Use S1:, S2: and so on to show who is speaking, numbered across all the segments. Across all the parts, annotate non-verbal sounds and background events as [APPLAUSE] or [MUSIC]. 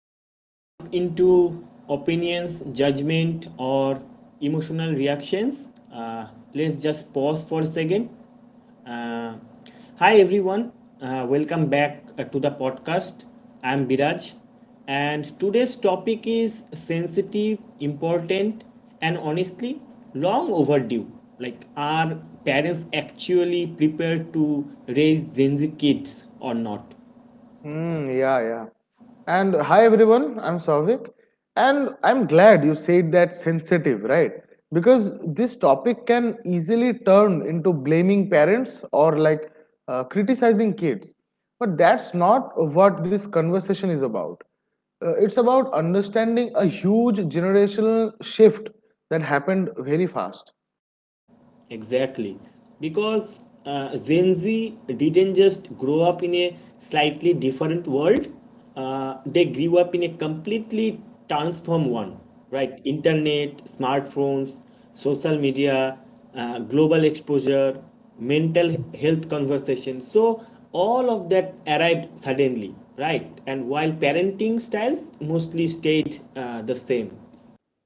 S1: before we jump into opinions, judgment, or emotional reactions, let's just pause for a second. Uh, Hi, everyone. Welcome back to the podcast. I'm Biraj, and today's topic is sensitive, important, and honestly, long overdue. Like, are parents actually prepared to raise Gen Z kids or not?
S2: Mm, yeah, yeah. And hi everyone, I'm Savik, and I'm glad you said that sensitive, right? Because this topic can easily turn into blaming parents or criticizing kids. But that's not what this conversation is about. It's about understanding a huge generational shift that happened very fast.
S1: Exactly. Because Gen Z didn't just grow up in a slightly different world, they grew up in a completely transformed one, right? Internet, smartphones, social media, global exposure, mental health conversation. So, all of that arrived suddenly, right? And while parenting styles mostly stayed the same.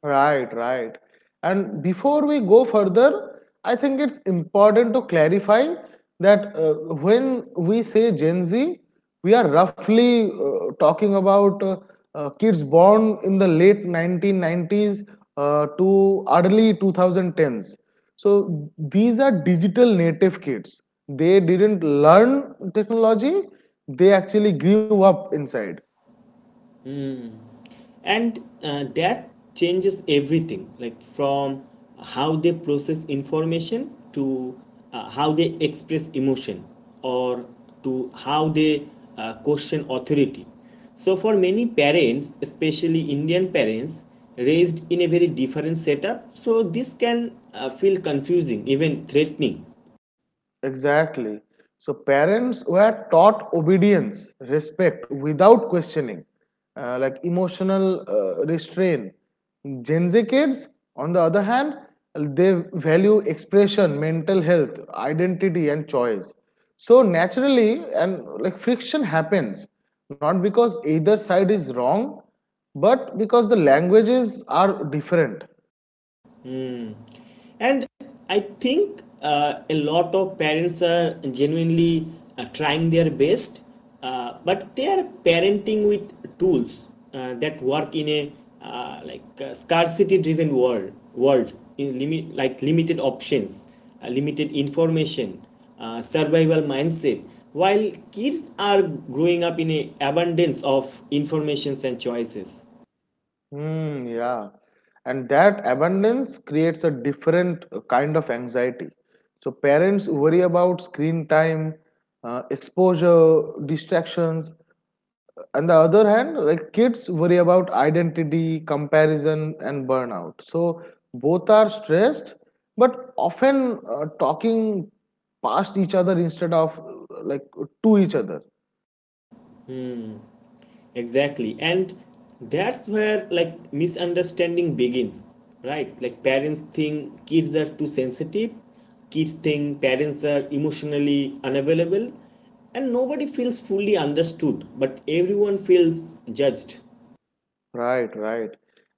S2: Right, right. And before we go further, I think it's important to clarify that when we say Gen Z, we are roughly talking about kids born in the late 1990s to early 2010s. So these are digital native kids. They didn't learn technology, they actually grew up inside.
S1: And that changes everything, like from how they process information to how they express emotion, or to how they question authority. So for many parents, especially Indian parents raised in a very different setup, so this can feel confusing, even threatening.
S2: Exactly. So parents were taught obedience, respect without questioning, like emotional restraint. Gen Z kids, on the other hand, they value expression, mental health, identity, and choice. So naturally, and like friction happens, not because either side is wrong, but because the languages are different.
S1: And I think a lot of parents are genuinely trying their best, but they are parenting with tools that work in a scarcity driven world world in limit like limited options, limited information, survival mindset, while kids are growing up in a abundance of informations and choices.
S2: Mm, yeah. And that abundance creates a different kind of anxiety. So parents worry about screen time, exposure, distractions. On the other hand, like kids worry about identity, comparison, and burnout. So both are stressed, but often talking past each other instead of to each other.
S1: Exactly. And that's where, like, misunderstanding begins, right? Like, parents think kids are too sensitive, kids think parents are emotionally unavailable, and nobody feels fully understood, but everyone feels judged.
S2: Right, right.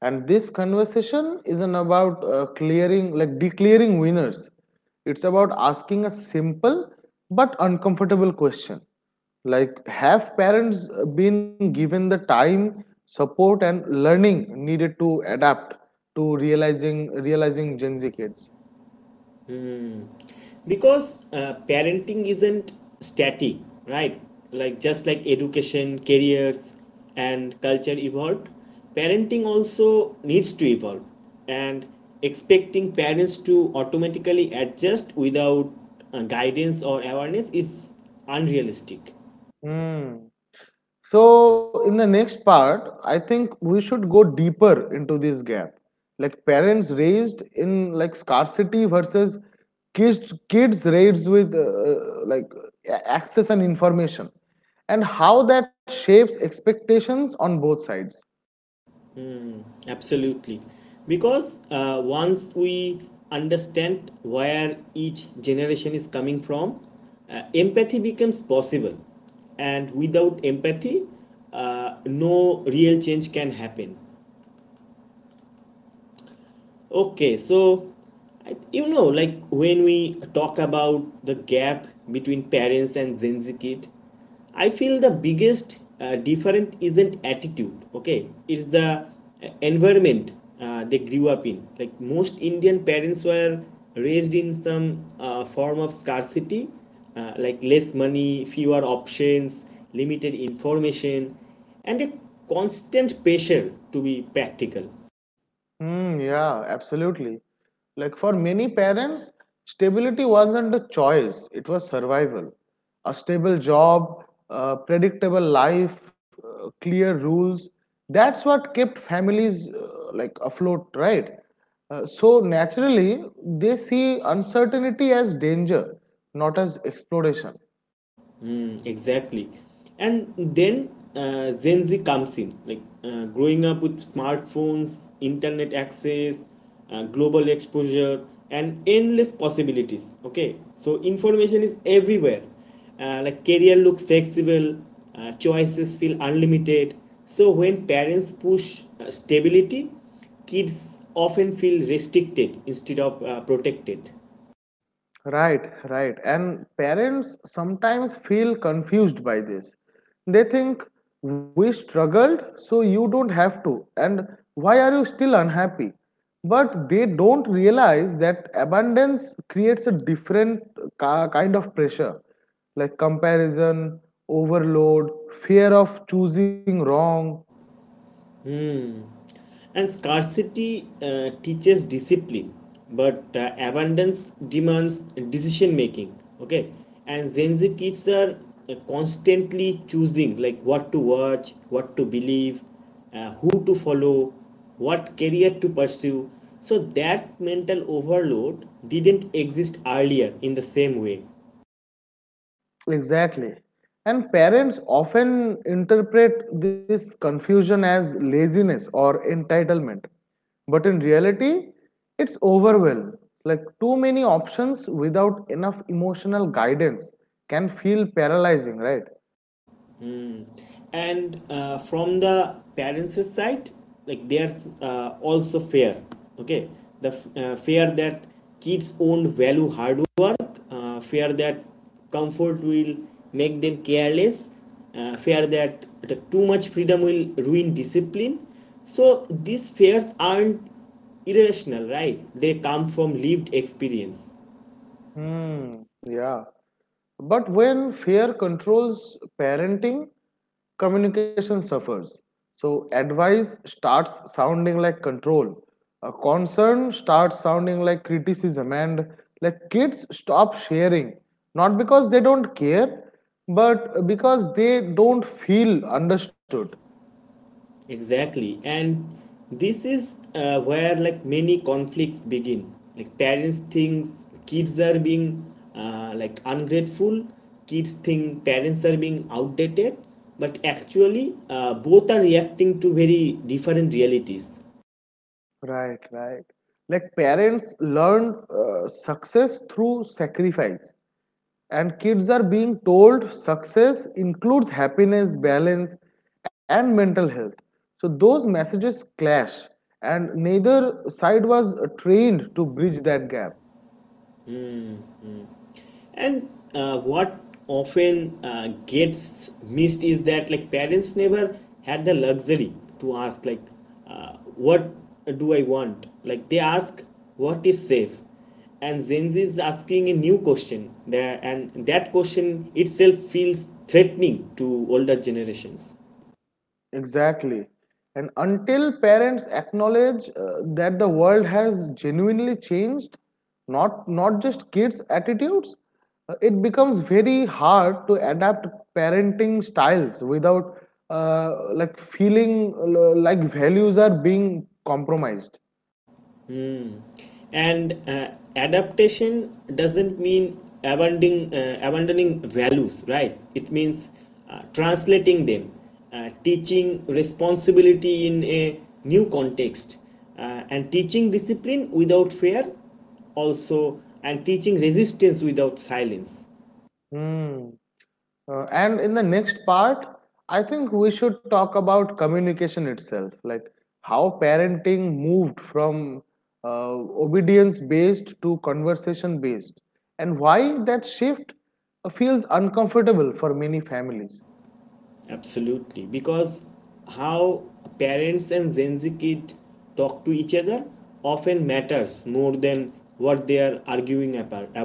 S2: And this conversation isn't about clearing, like declaring winners. It's about asking a simple but uncomfortable question. Like, have parents been given the time, support, and learning needed to adapt to realizing Gen Z kids?
S1: Because parenting isn't static, right? Like, just like education, careers, and culture evolved, parenting also needs to evolve. And expecting parents to automatically adjust without guidance or awareness is unrealistic.
S2: Hmm. So, in the next part, I think we should go deeper into this gap. Like parents raised in like scarcity versus kids raised with access and information and how that shapes expectations on both sides.
S1: Absolutely. Because once we understand where each generation is coming from, empathy becomes possible. And without empathy, no real change can happen. Okay, so like when we talk about the gap between parents and Gen Z kid, I feel the biggest difference isn't attitude. Okay, it's the environment they grew up in. Like, most Indian parents were raised in some form of scarcity, like less money, fewer options, limited information, and a constant pressure to be practical.
S2: Mm, yeah, absolutely. Like for many parents, stability wasn't a choice, it was survival. A stable job, a predictable life, clear rules. That's what kept families afloat, right? So naturally, they see uncertainty as danger, not as exploration.
S1: Mm, exactly. And then Gen Z comes in, like growing up with smartphones, internet access, global exposure, and endless possibilities. Okay, so information is everywhere. Like, career looks flexible, choices feel unlimited. So when parents push stability, kids often feel restricted instead of protected.
S2: Right, right. And parents sometimes feel confused by this. They think, we struggled, so you don't have to. And why are you still unhappy? But they don't realize that abundance creates a different kind of pressure like comparison, overload, fear of choosing wrong.
S1: Hmm. And scarcity teaches discipline, but abundance demands decision making. Okay, and Gen Z kids are constantly choosing, like what to watch, what to believe, who to follow, what career to pursue. So that mental overload didn't exist earlier in the same way.
S2: Exactly. And parents often interpret this confusion as laziness or entitlement. But in reality, it's overwhelm. Like too many options without enough emotional guidance can feel paralyzing, right?
S1: And from the parents side, like they are also fair, okay? The fear that kids own value hard work, fear that comfort will make them careless, fear that too much freedom will ruin discipline. So these fears aren't irrational, right? They come from lived experience.
S2: Hmm, yeah. But when fear controls parenting, communication suffers. So advice starts sounding like control. A concern starts sounding like criticism, and like kids stop sharing, not because they don't care, but because they don't feel understood.
S1: Exactly. And this is where, like, many conflicts begin. Like, parents think kids are being like ungrateful, kids think parents are being outdated. But actually, both are reacting to very different realities.
S2: Right, right. Like parents learn success through sacrifice, and kids are being told success includes happiness, balance, and mental health. So those messages clash, and neither side was trained to bridge that gap.
S1: And what often gets missed is that, like, parents never had the luxury to ask, like, uh, what do I want? Like, they ask what is safe. And Gen Z is asking a new question there, and that question itself feels threatening to older generations.
S2: Exactly. And until parents acknowledge that the world has genuinely changed, not just kids' attitudes, it becomes very hard to adapt parenting styles without feeling like values are being compromised.
S1: And adaptation doesn't mean abandoning values, right? It means translating them, teaching responsibility in a new context, and teaching discipline without fear, also, and teaching resistance without silence.
S2: Hmm. And in the next part, I think we should talk about communication itself, like how parenting moved from uh, obedience based to conversation based, and why that shift feels uncomfortable for many families.
S1: Absolutely, because how parents and Gen Z kid talk to each other often matters more than what they are arguing about.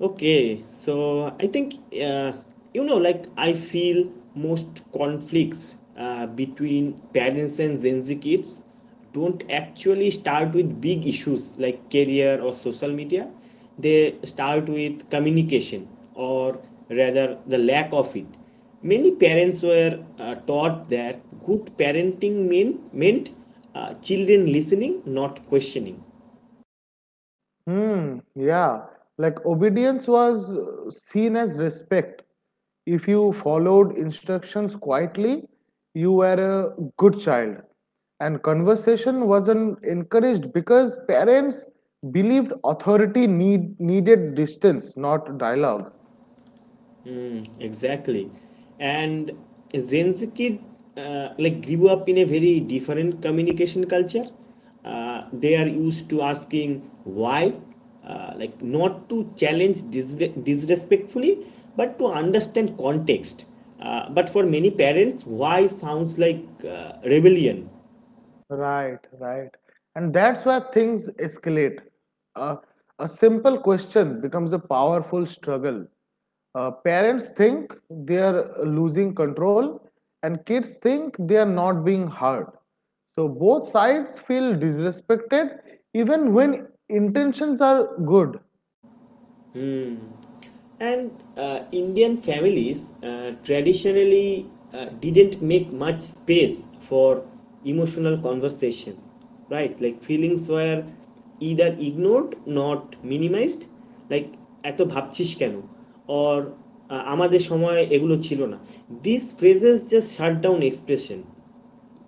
S1: Okay, so I think, uh, like I feel most conflicts between parents and Gen Z kids don't actually start with big issues like career or social media. They start with communication, or rather, the lack of it. Many parents were taught that good parenting meant children listening, not questioning.
S2: Hmm, yeah. Like obedience was seen as respect. If you followed instructions quietly, you were a good child. And conversation wasn't encouraged because parents believed authority needed distance, not dialogue.
S1: Exactly. And Gen Z kid like grew up in a very different communication culture. They are used to asking why, like not to challenge disrespectfully, but to understand context. But for many parents, why sounds like rebellion.
S2: Right, right. And that's where things escalate. Uh, a simple question becomes a powerful struggle. Parents think they are losing control, and kids think they are not being heard. So both sides feel disrespected even when intentions are good.
S1: And Indian families traditionally didn't make much space for emotional conversations, right? Like, feelings were either ignored, not minimized, like এত ভাবছিস কেন, or আহ, আমাদের সময় এগুলো ছিল না. This phrases just shut down expression.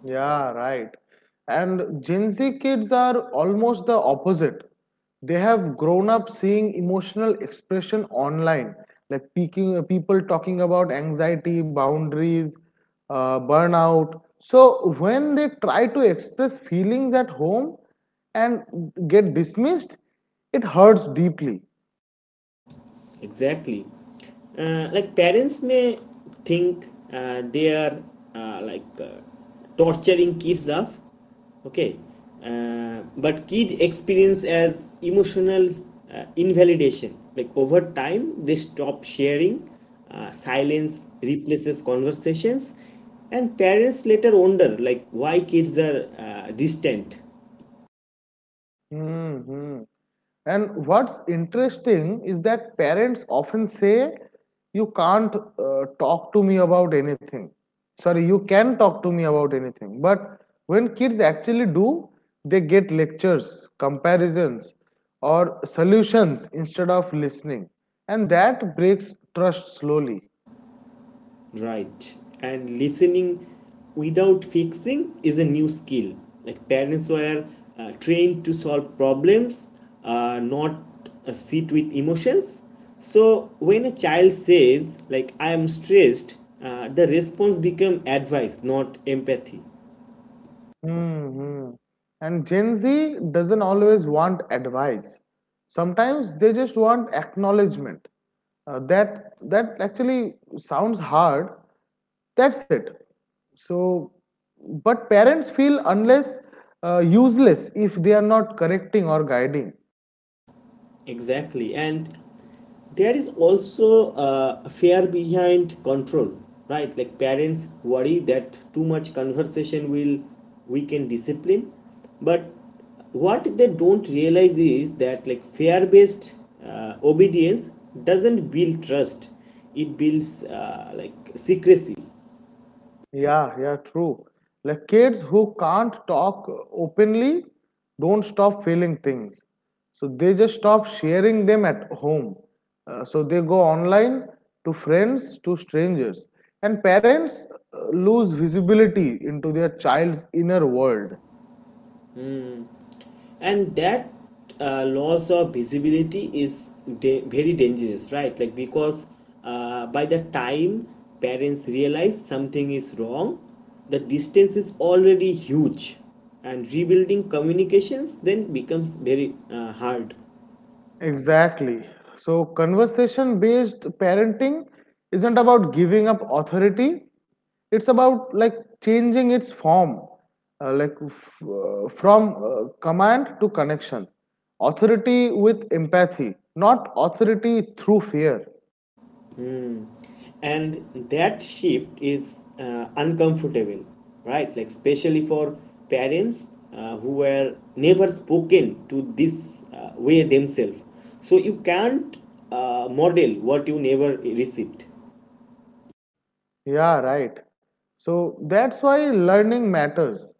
S2: Yeah, right. And Gen Z kids are almost the opposite. They have grown up seeing emotional expression online, like peaking, people talking about anxiety, boundaries, burnout. So when they try to express feelings at home and get dismissed, it hurts deeply.
S1: Exactly. Like, parents may think they are uh, like uh, torturing kids off, okay, but kids experience as emotional invalidation. Like, over time, they stop sharing. Silence replaces conversations, and parents later wonder like why kids are distant.
S2: Hmm. And what's interesting is that parents often say, "You can't talk to me about anything." Sorry, you can talk to me about anything. But when kids actually do, they get lectures, comparisons, or solutions instead of listening, and that breaks trust slowly.
S1: Right. And listening without fixing is a new skill. Like, parents were trained to solve problems, not sit with emotions. So when a child says, like, I am stressed, the response become advice, not empathy.
S2: Hmm, hmm. And Gen Z doesn't always want advice. Sometimes they just want acknowledgement. That actually sounds hard. That's it. So, but parents feel unless useless if they are not correcting or guiding.
S1: Exactly. And there is also a fear behind control, right? Like, parents worry that too much conversation will weaken discipline. But what they don't realize is that, like, fear based obedience doesn't build trust, it builds like secrecy.
S2: Yeah, yeah, true. Like kids who can't talk openly don't stop feeling things. So they just stop sharing them at home. So they go online to friends, to strangers. And parents lose visibility into their child's inner world.
S1: And that loss of visibility is very dangerous, right? Like, because by the time parents realize something is wrong, the distance is already huge, and rebuilding communications then becomes very hard.
S2: Exactly. So, conversation based parenting isn't about giving up authority, it's about changing its form, from command to connection. Authority with empathy, not authority through fear.
S1: And that shift is uncomfortable, right? Like, especially for parents who were never spoken to this way themselves. So you can't model what you never received.
S2: Yeah, right. So that's why learning matters.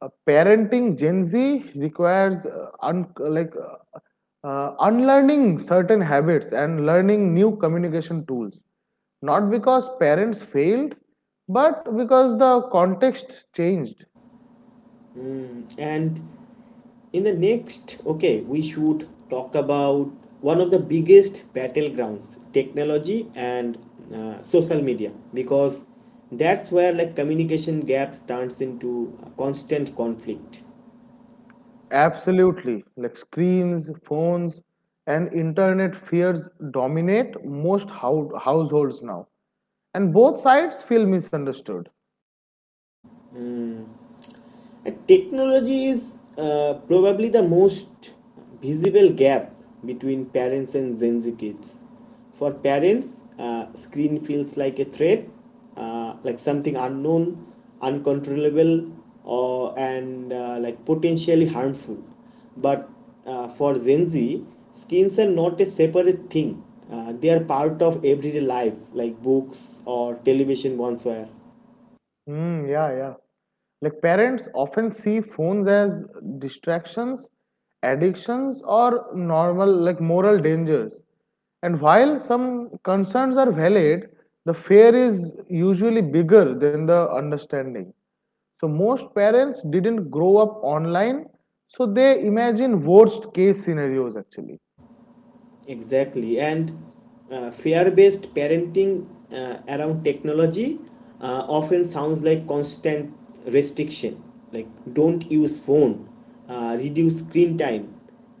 S2: Parenting Gen Z requires unlearning certain habits and learning new communication tools. Not because parents failed, but because the context changed.
S1: And in the next, okay, we should talk about one of the biggest battlegrounds, technology and social media, because that's where, like, communication gaps turns into a constant conflict.
S2: Absolutely. Like screens, phones, and internet fears dominate most households now. And both sides feel misunderstood.
S1: Technology is probably the most visible gap between parents and Gen Z kids. For parents, screen feels like a threat, like something unknown, uncontrollable, or and like potentially harmful. But for Gen Z, screens are not a separate thing. They are part of everyday life, like books or television once were.
S2: Mm, yeah, yeah. Like parents often see phones as distractions, addictions, or normal, like moral dangers. And while some concerns are valid, the fear is usually bigger than the understanding. So most parents didn't grow up online, so they imagine worst case scenarios actually.
S1: Exactly. And fear based parenting around technology often sounds like constant restriction, like don't use phone, reduce screen time,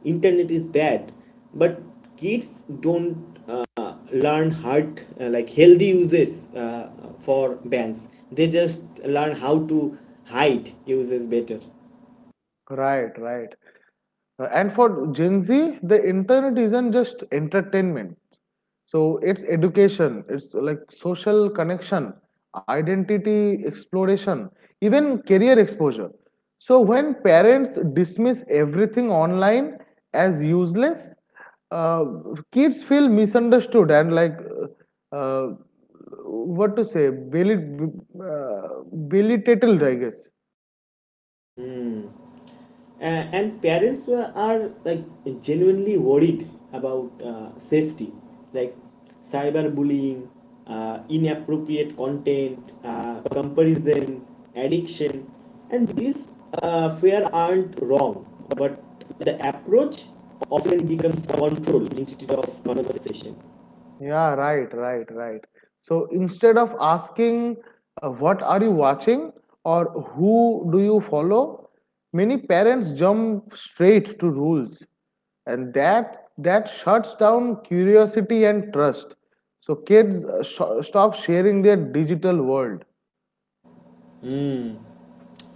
S1: internet is bad. But kids don't learn like healthy uses for bans. They just learn how to hide uses better.
S2: Right, right. And for Gen Z, the internet isn't just entertainment. So it's education, it's like social connection, identity exploration, even career exposure. So when parents dismiss everything online as useless, uh, kids feel misunderstood and like uh, uh, what to say, beli- uh, belittled, I guess.
S1: And parents are like genuinely worried about safety, like cyberbullying, inappropriate content, comparison, addiction. And these fear aren't wrong, but the approach often becomes control instead of conversation.
S2: Yeah, right, right, right. So instead of asking, what are you watching or who do you follow, many parents jump straight to rules. And that shuts down curiosity and trust. So kids stop sharing their digital world.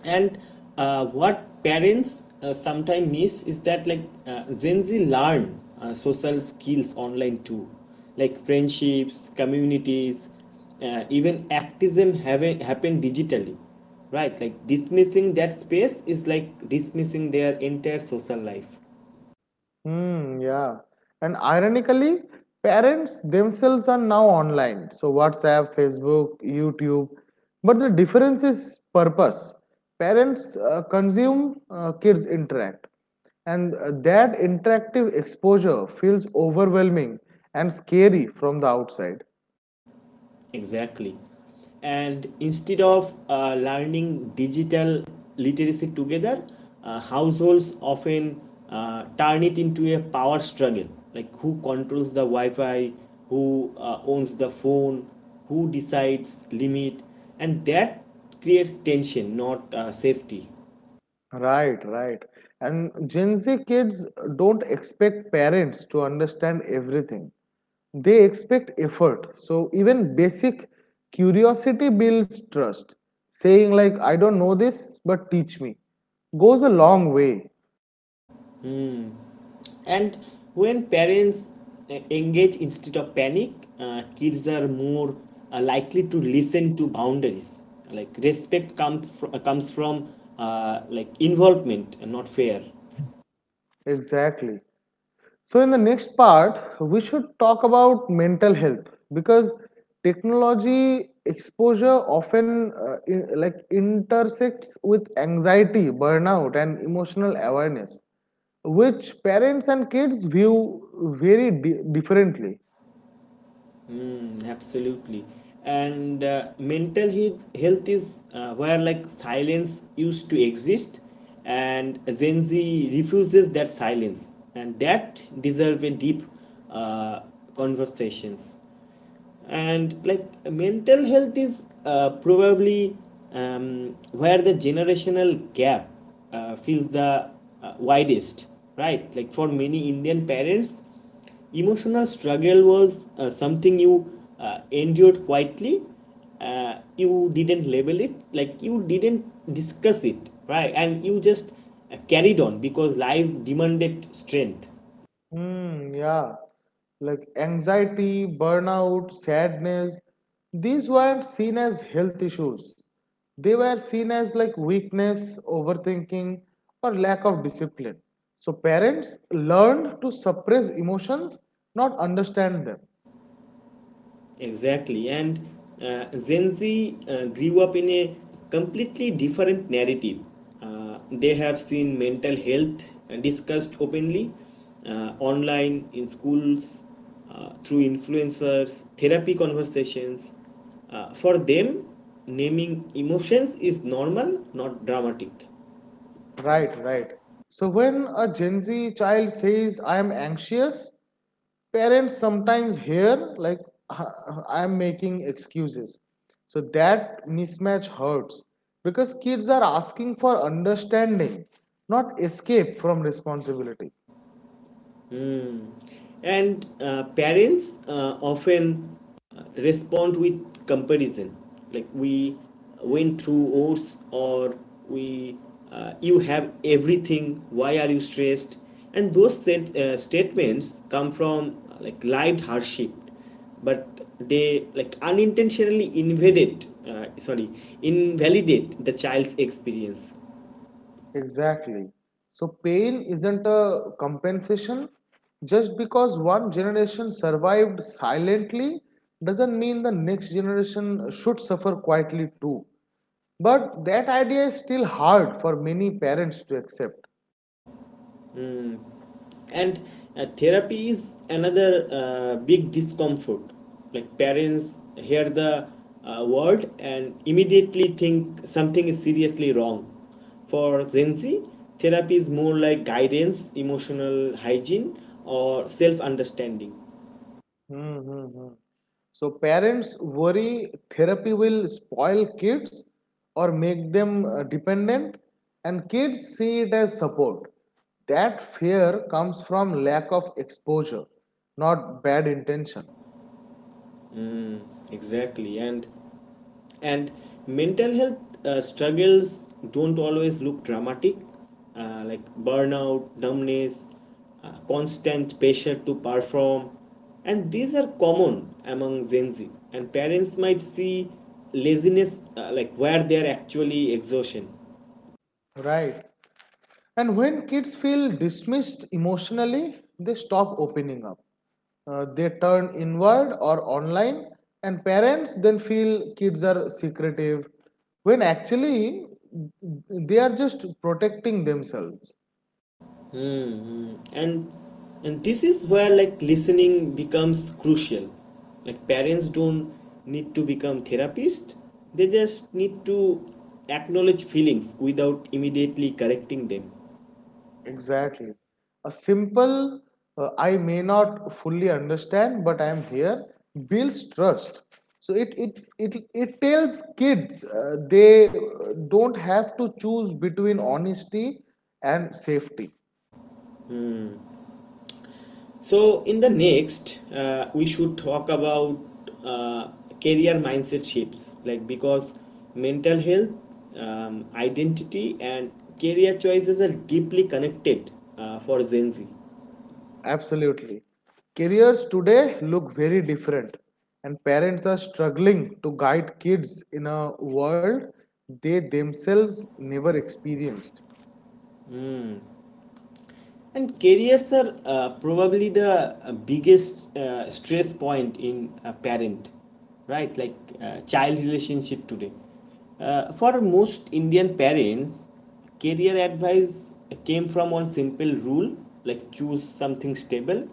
S1: And what parents sometimes miss is that, like, Gen Z learn social skills online too, like friendships, communities, even activism have happen digitally, right? Like, dismissing that space is like dismissing their entire social life.
S2: Hmm, yeah. And ironically, parents themselves are now online. So, WhatsApp, Facebook, YouTube. But the difference is purpose. Parents consume, kids interact. And that interactive exposure feels overwhelming and scary from the outside.
S1: Exactly. And instead of learning digital literacy together, households often turn it into a power struggle, like who controls the Wi Fi, who owns the phone, who decides limit, and that creates tension, not safety.
S2: Right, right. And Gen Z kids don't expect parents to understand everything. They expect effort. So even basic curiosity builds trust. Saying like I don't know this but teach me goes a long way.
S1: Stress. And when parents engage instead of panic, kids are more likely to listen to boundaries, like respect comes from like involvement and not fear.
S2: Exactly. So, in the next part, we should talk about mental health because technology exposure often intersects with anxiety, burnout, and emotional awareness, which parents and kids view very differently.
S1: Mm, absolutely. And mental health is where, like, silence used to exist, and Gen Z refuses that silence, and that deserve a deep uh, conversations. And, like, mental health is probably where the generational gap feels the widest, right? Like, for many Indian parents, emotional struggle was something you endured quietly. You didn't label it, like you didn't discuss it, right? And you just carried on because life demanded strength.
S2: Hmm, yeah. Like anxiety, burnout, sadness, these weren't seen as health issues. They were seen as like weakness, overthinking, or lack of discipline. So parents learned to suppress emotions, not understand them.
S1: Exactly. And Gen Z grew up in a completely different narrative. They have seen mental health discussed openly, online, in schools, through influencers, therapy conversations. For them, naming emotions is normal, not dramatic.
S2: Right, right. So when a Gen Z child says, I am anxious, parents sometimes hear, like, I am making excuses. So that mismatch hurts because kids are asking for understanding, not escape from responsibility.
S1: Mm. And parents often respond with comparison, like we went through ours, or we you have everything. Why are you stressed? And those statements come from like lived hardship, but they like unintentionally invalidate the child's experience.
S2: Exactly. So pain isn't a compensation. Just because one generation survived silently doesn't mean the next generation should suffer quietly too. But that idea is still hard for many parents to accept.
S1: And therapy is another big discomfort. Like, parents hear the word and immediately think something is seriously wrong. For Gen Z, therapy is more like guidance, emotional hygiene, or self understanding.
S2: Hmm, hmm, hmm. So parents worry therapy will spoil kids or make them dependent, and kids see it as support. That fear comes from lack of exposure, not bad intention.
S1: Exactly. And mental health struggles don't always look dramatic, like burnout, numbness, constant pressure to perform. And these are common among Gen Z, and parents might see laziness, like where they are actually exhaustion.
S2: Right. And when kids feel dismissed emotionally, they stop opening up. They turn inward or online, and parents then feel kids are secretive when actually they are just protecting themselves.
S1: Mm-hmm. And this is where, like, listening becomes crucial. Like parents don't need to become therapists. They just need to acknowledge feelings without immediately correcting them.
S2: Exactly. A simple, I may not fully understand, but I am here, builds trust. So it tells kids they don't have to choose between honesty and safety.
S1: So in the next, we should talk about uh, career mindset shifts. Like because mental health, identity, and career choices are deeply connected for Gen Z.
S2: Absolutely. Careers today look very different, and parents are struggling to guide kids in a world they themselves never experienced.
S1: And careers are probably the biggest stress point in a parent, right? Like child relationship today. For most Indian parents, career advice came from one simple rule, like choose something stable,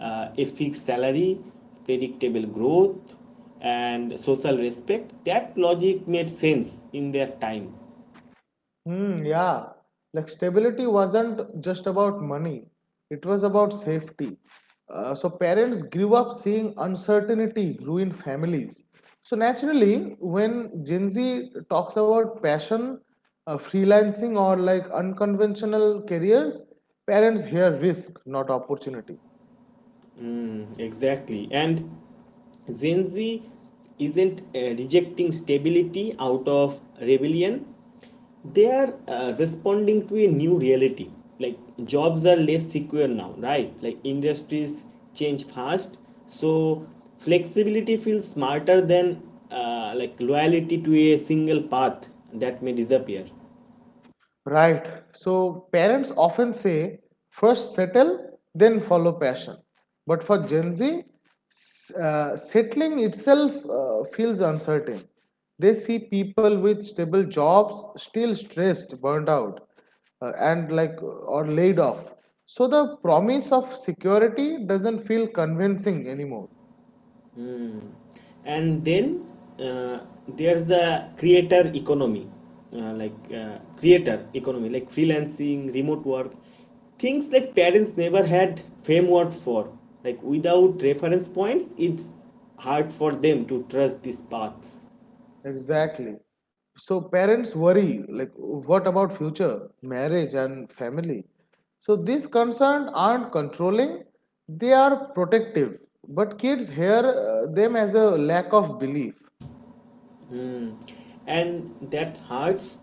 S1: a fixed salary, predictable growth, and social respect. That logic made sense in their time.
S2: Hmm, yeah. Like stability wasn't just about money, it was about safety. So parents grew up seeing uncertainty ruin families. So naturally, when Gen Z talks about passion, freelancing, or like unconventional careers, parents hear risk, not opportunity.
S1: Mm, exactly. And Gen Z isn't rejecting stability out of rebellion. They are responding to a new reality. Like jobs are less secure now, right? Like industries change fast. So flexibility feels smarter than loyalty to a single path that may disappear.
S2: Right. So parents often say, first settle, then follow passion. But for Gen Z, settling itself feels uncertain. They see people with stable jobs still stressed, burned out, and or laid off. So the promise of security doesn't feel convincing anymore.
S1: Hmm. And then uh, there's the creator economy, creator economy, like freelancing, remote work, things like parents never had frameworks for. Like without reference points, it's hard for them to trust these paths.
S2: Exactly. So parents worry, like, what about future, marriage, and family? So these concerns aren't controlling, they are protective. But kids hear them as a lack of belief.
S1: Hmm. And that hurts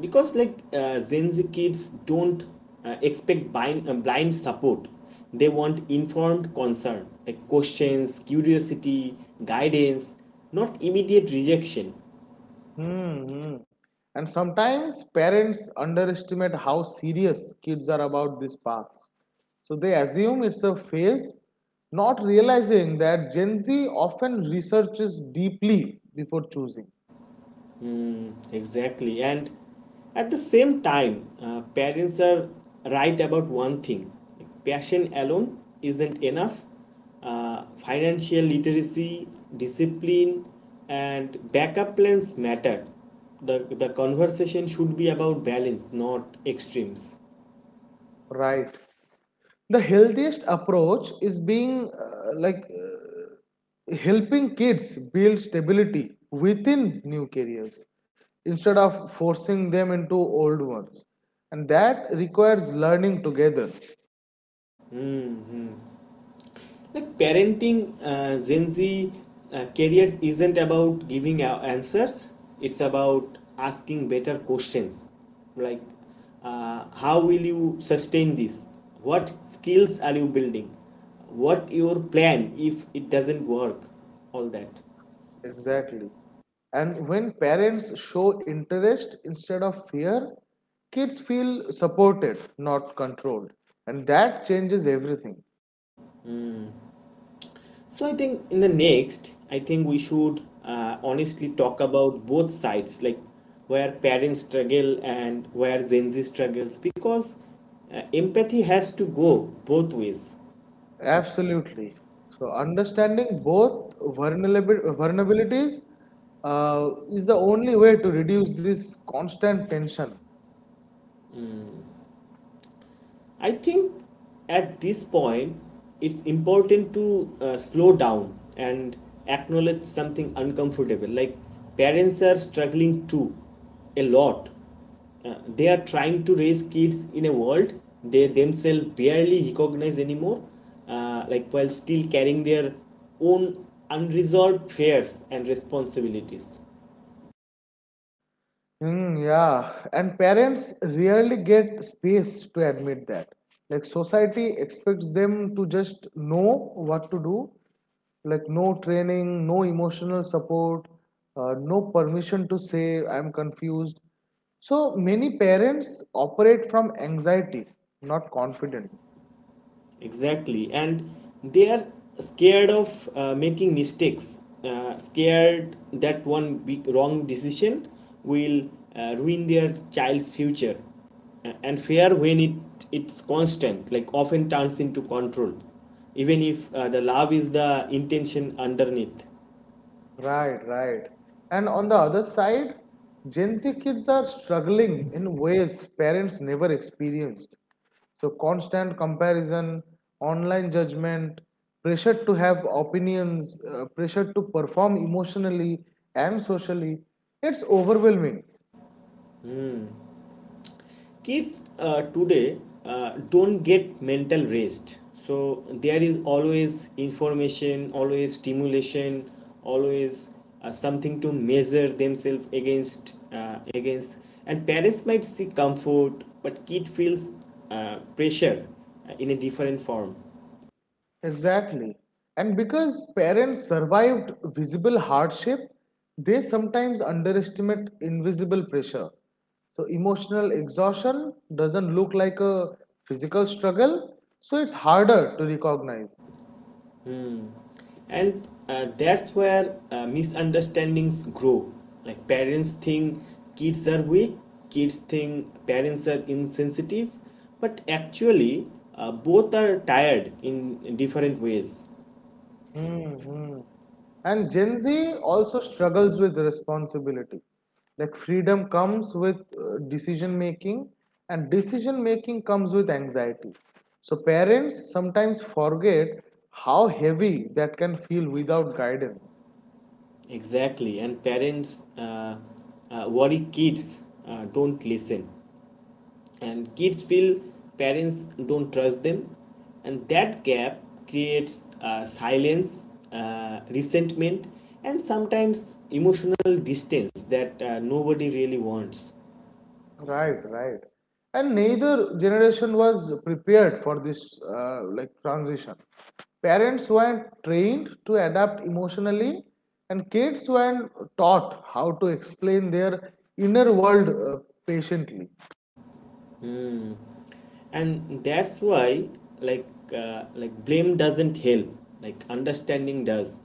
S1: because Gen Z kids don't expect blind support. They want informed concern, like questions, curiosity, guidance, not immediate rejection.
S2: Hmm. And sometimes parents underestimate how serious kids are about these paths. So they assume it's a phase, not realizing that Gen Z often researches deeply before choosing.
S1: Exactly. And at the same time, parents are right about one thing. Like, passion alone isn't enough. Financial literacy, discipline, and backup plans matter. The conversation should be about balance, not extremes.
S2: Right. The healthiest approach is being like helping kids build stability within new careers instead of forcing them into old ones, and that requires learning together.
S1: Like parenting Gen Z careers isn't about giving answers, it's about asking better questions. Like how will you sustain this, what skills are you building, what your plan if it doesn't work, all that.
S2: Exactly. And when parents show interest instead of fear, kids feel supported not controlled, and that changes everything.
S1: So I think in the next, I think we should honestly talk about both sides, like where parents struggle and where Gen Z struggles, because empathy has to go both ways.
S2: Absolutely. So understanding both vulnerabilities is the only way to reduce this constant tension.
S1: I think at this point, it's important to slow down and acknowledge something uncomfortable. Like parents are struggling too, a lot. They are trying to raise kids in a world they themselves barely recognize anymore, while still carrying their own unresolved fears and responsibilities.
S2: Hmm, yeah, and parents rarely get space to admit that. Like society expects them to just know what to do, like no training, no emotional support, no permission to say I'm confused. So many parents operate from anxiety, not confidence.
S1: Exactly, and they are scared of making mistakes, scared that one big wrong decision will ruin their child's future. And fear, when it's constant, like often turns into control, even if the love is the intention underneath.
S2: Right, right. And on the other side, Gen Z kids are struggling in ways parents never experienced. So, constant comparison, online judgment, pressure to have opinions, pressure to perform emotionally and socially, it's overwhelming.
S1: Kids today don't get mental rest, so there is always information, always stimulation, always something to measure themselves against. And parents might see comfort, but kid feels pressure in a different form.
S2: Exactly. And because parents survived visible hardship, they sometimes underestimate invisible pressure. So, emotional exhaustion doesn't look like a physical struggle, so it's harder to recognize.
S1: And that's where misunderstandings grow. Like parents think kids are weak, kids think parents are insensitive, but actually both are tired in different ways.
S2: Hmm. And Gen Z also struggles with responsibility. Like freedom comes with decision making, and decision making comes with anxiety. So parents sometimes forget how heavy that can feel without guidance.
S1: Exactly, and parents worry kids don't listen, and kids feel parents don't trust them, and that gap creates silence, resentment, and sometimes emotional distance that nobody really wants.
S2: Right, right. And neither generation was prepared for this transition. Parents weren't trained to adapt emotionally, and kids weren't taught how to explain their inner world patiently.
S1: Hmm. And that's why, like, blame doesn't help, like understanding does.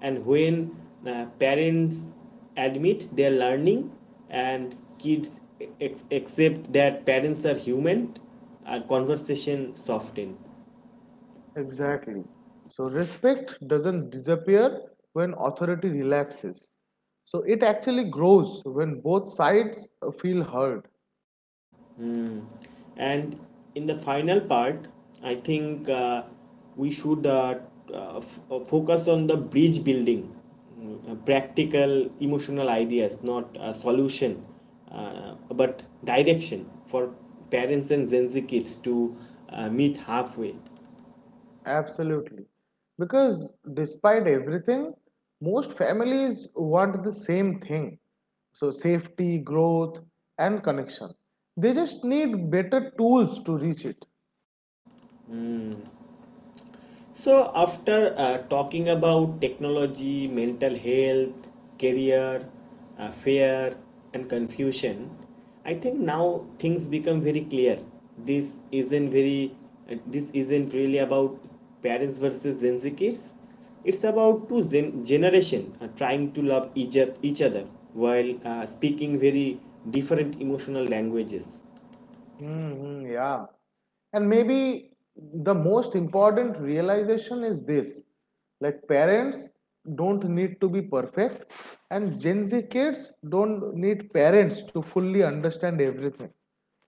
S1: And when parents admit their learning and kids accept that parents are human, our conversation softens.
S2: Exactly. So respect doesn't disappear when authority relaxes. So it actually grows when both sides feel heard.
S1: And in the final part, I think we should focus on the bridge building. Practical emotional ideas, not a solution, but direction for parents and Gen Z kids to meet halfway.
S2: Absolutely. Because despite everything, most families want the same thing. So, safety, growth, and connection. They just need better tools to reach it.
S1: So, after talking about technology, mental health, career, fear, and confusion, I think now things become very clear. This isn't very, this isn't really about parents versus Gen Z kids. It's about two generation trying to love each other while speaking very different emotional languages.
S2: Hmm, yeah. And maybe the most important realization is this, like, parents don't need to be perfect, and Gen Z kids don't need parents to fully understand everything.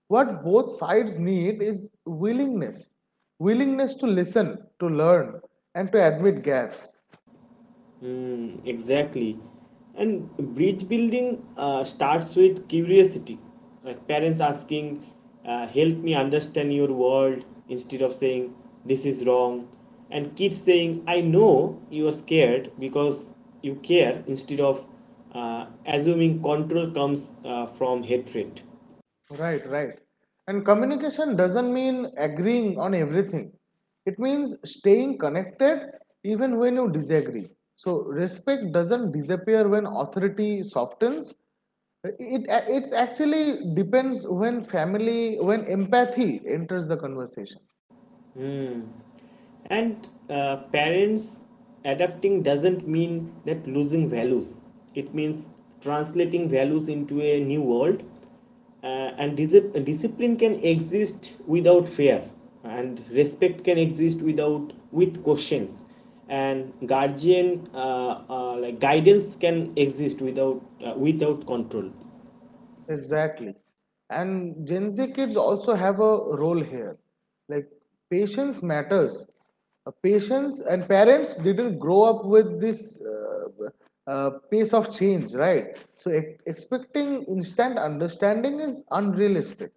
S2: What both sides need is willingness, to listen, to learn, and to admit gaps.
S1: Mm, exactly. And bridge building starts with curiosity, like parents asking, "Help me understand your world," instead of saying, "This is wrong," and kids saying, "I know you are scared because you care," instead of assuming control comes from hatred.
S2: Right, right. And communication doesn't mean agreeing on everything. It means staying connected even when you disagree. So respect doesn't disappear when authority softens. It it's actually depends when family when empathy enters the conversation.
S1: And parents adapting doesn't mean that losing values. It means translating values into a new world. Uh, and discipline can exist without fear, and respect can exist without with questions, and guardian like guidance can exist without without control.
S2: Exactly. And Gen Z kids also have a role here. Like patience matters. Patience and parents didn't grow up with this pace of change, right? So expecting instant understanding is unrealistic.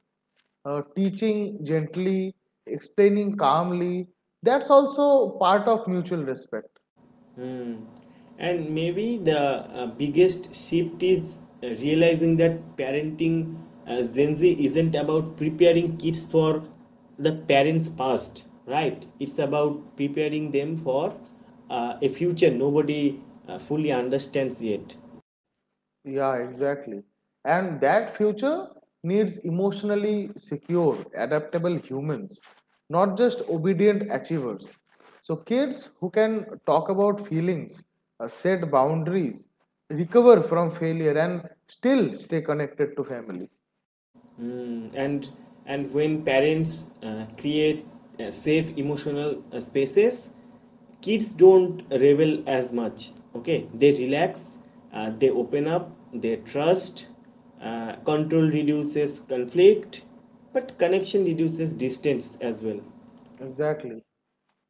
S2: Teaching gently, explaining calmly, that's also part of mutual respect.
S1: And maybe the biggest shift is realizing that parenting Gen Z isn't about preparing kids for the parents' past, right? It's about preparing them for a future nobody fully understands yet.
S2: Yeah, exactly. And that future needs emotionally secure, adaptable humans, not just obedient achievers. So, kids who can talk about feelings, set boundaries, recover from failure, and still stay connected to family.
S1: Mm, and when parents create safe emotional spaces, kids don't rebel as much. Okay, they relax, they open up, they trust. Control reduces conflict, but connection reduces distance as well.
S2: Exactly.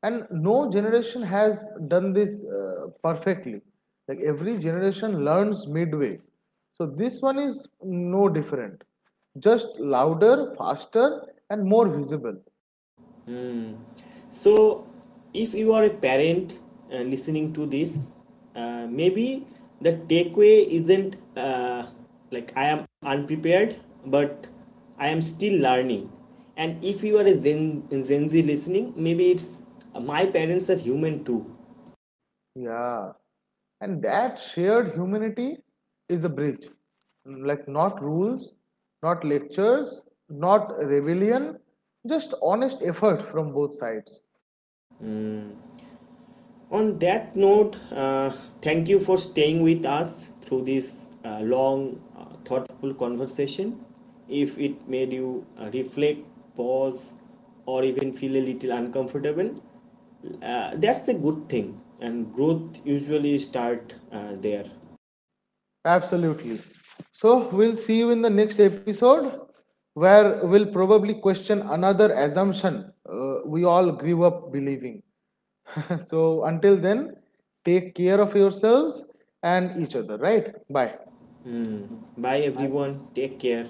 S2: And no generation has done this perfectly. Like every generation learns midway. So this one is no different. Just louder, faster, and more visible.
S1: Hmm. So, if you are a parent listening to this, maybe the takeaway isn't like I am unprepared, but I am still learning. And if you are a Gen Z listening, maybe it's my parents are human too.
S2: Yeah. And that shared humanity is the bridge. Like not rules, not lectures, not rebellion, just honest effort from both sides.
S1: On that note, thank you for staying with us through this long, thoughtful conversation. If it made you reflect, pause, or even feel a little uncomfortable, that's a good thing. And growth usually starts there.
S2: Absolutely. So we'll see you in the next episode where we'll probably question another assumption we all grew up believing. [LAUGHS] So until then, take care of yourselves and each other, right? Bye.
S1: Bye everyone. Take care.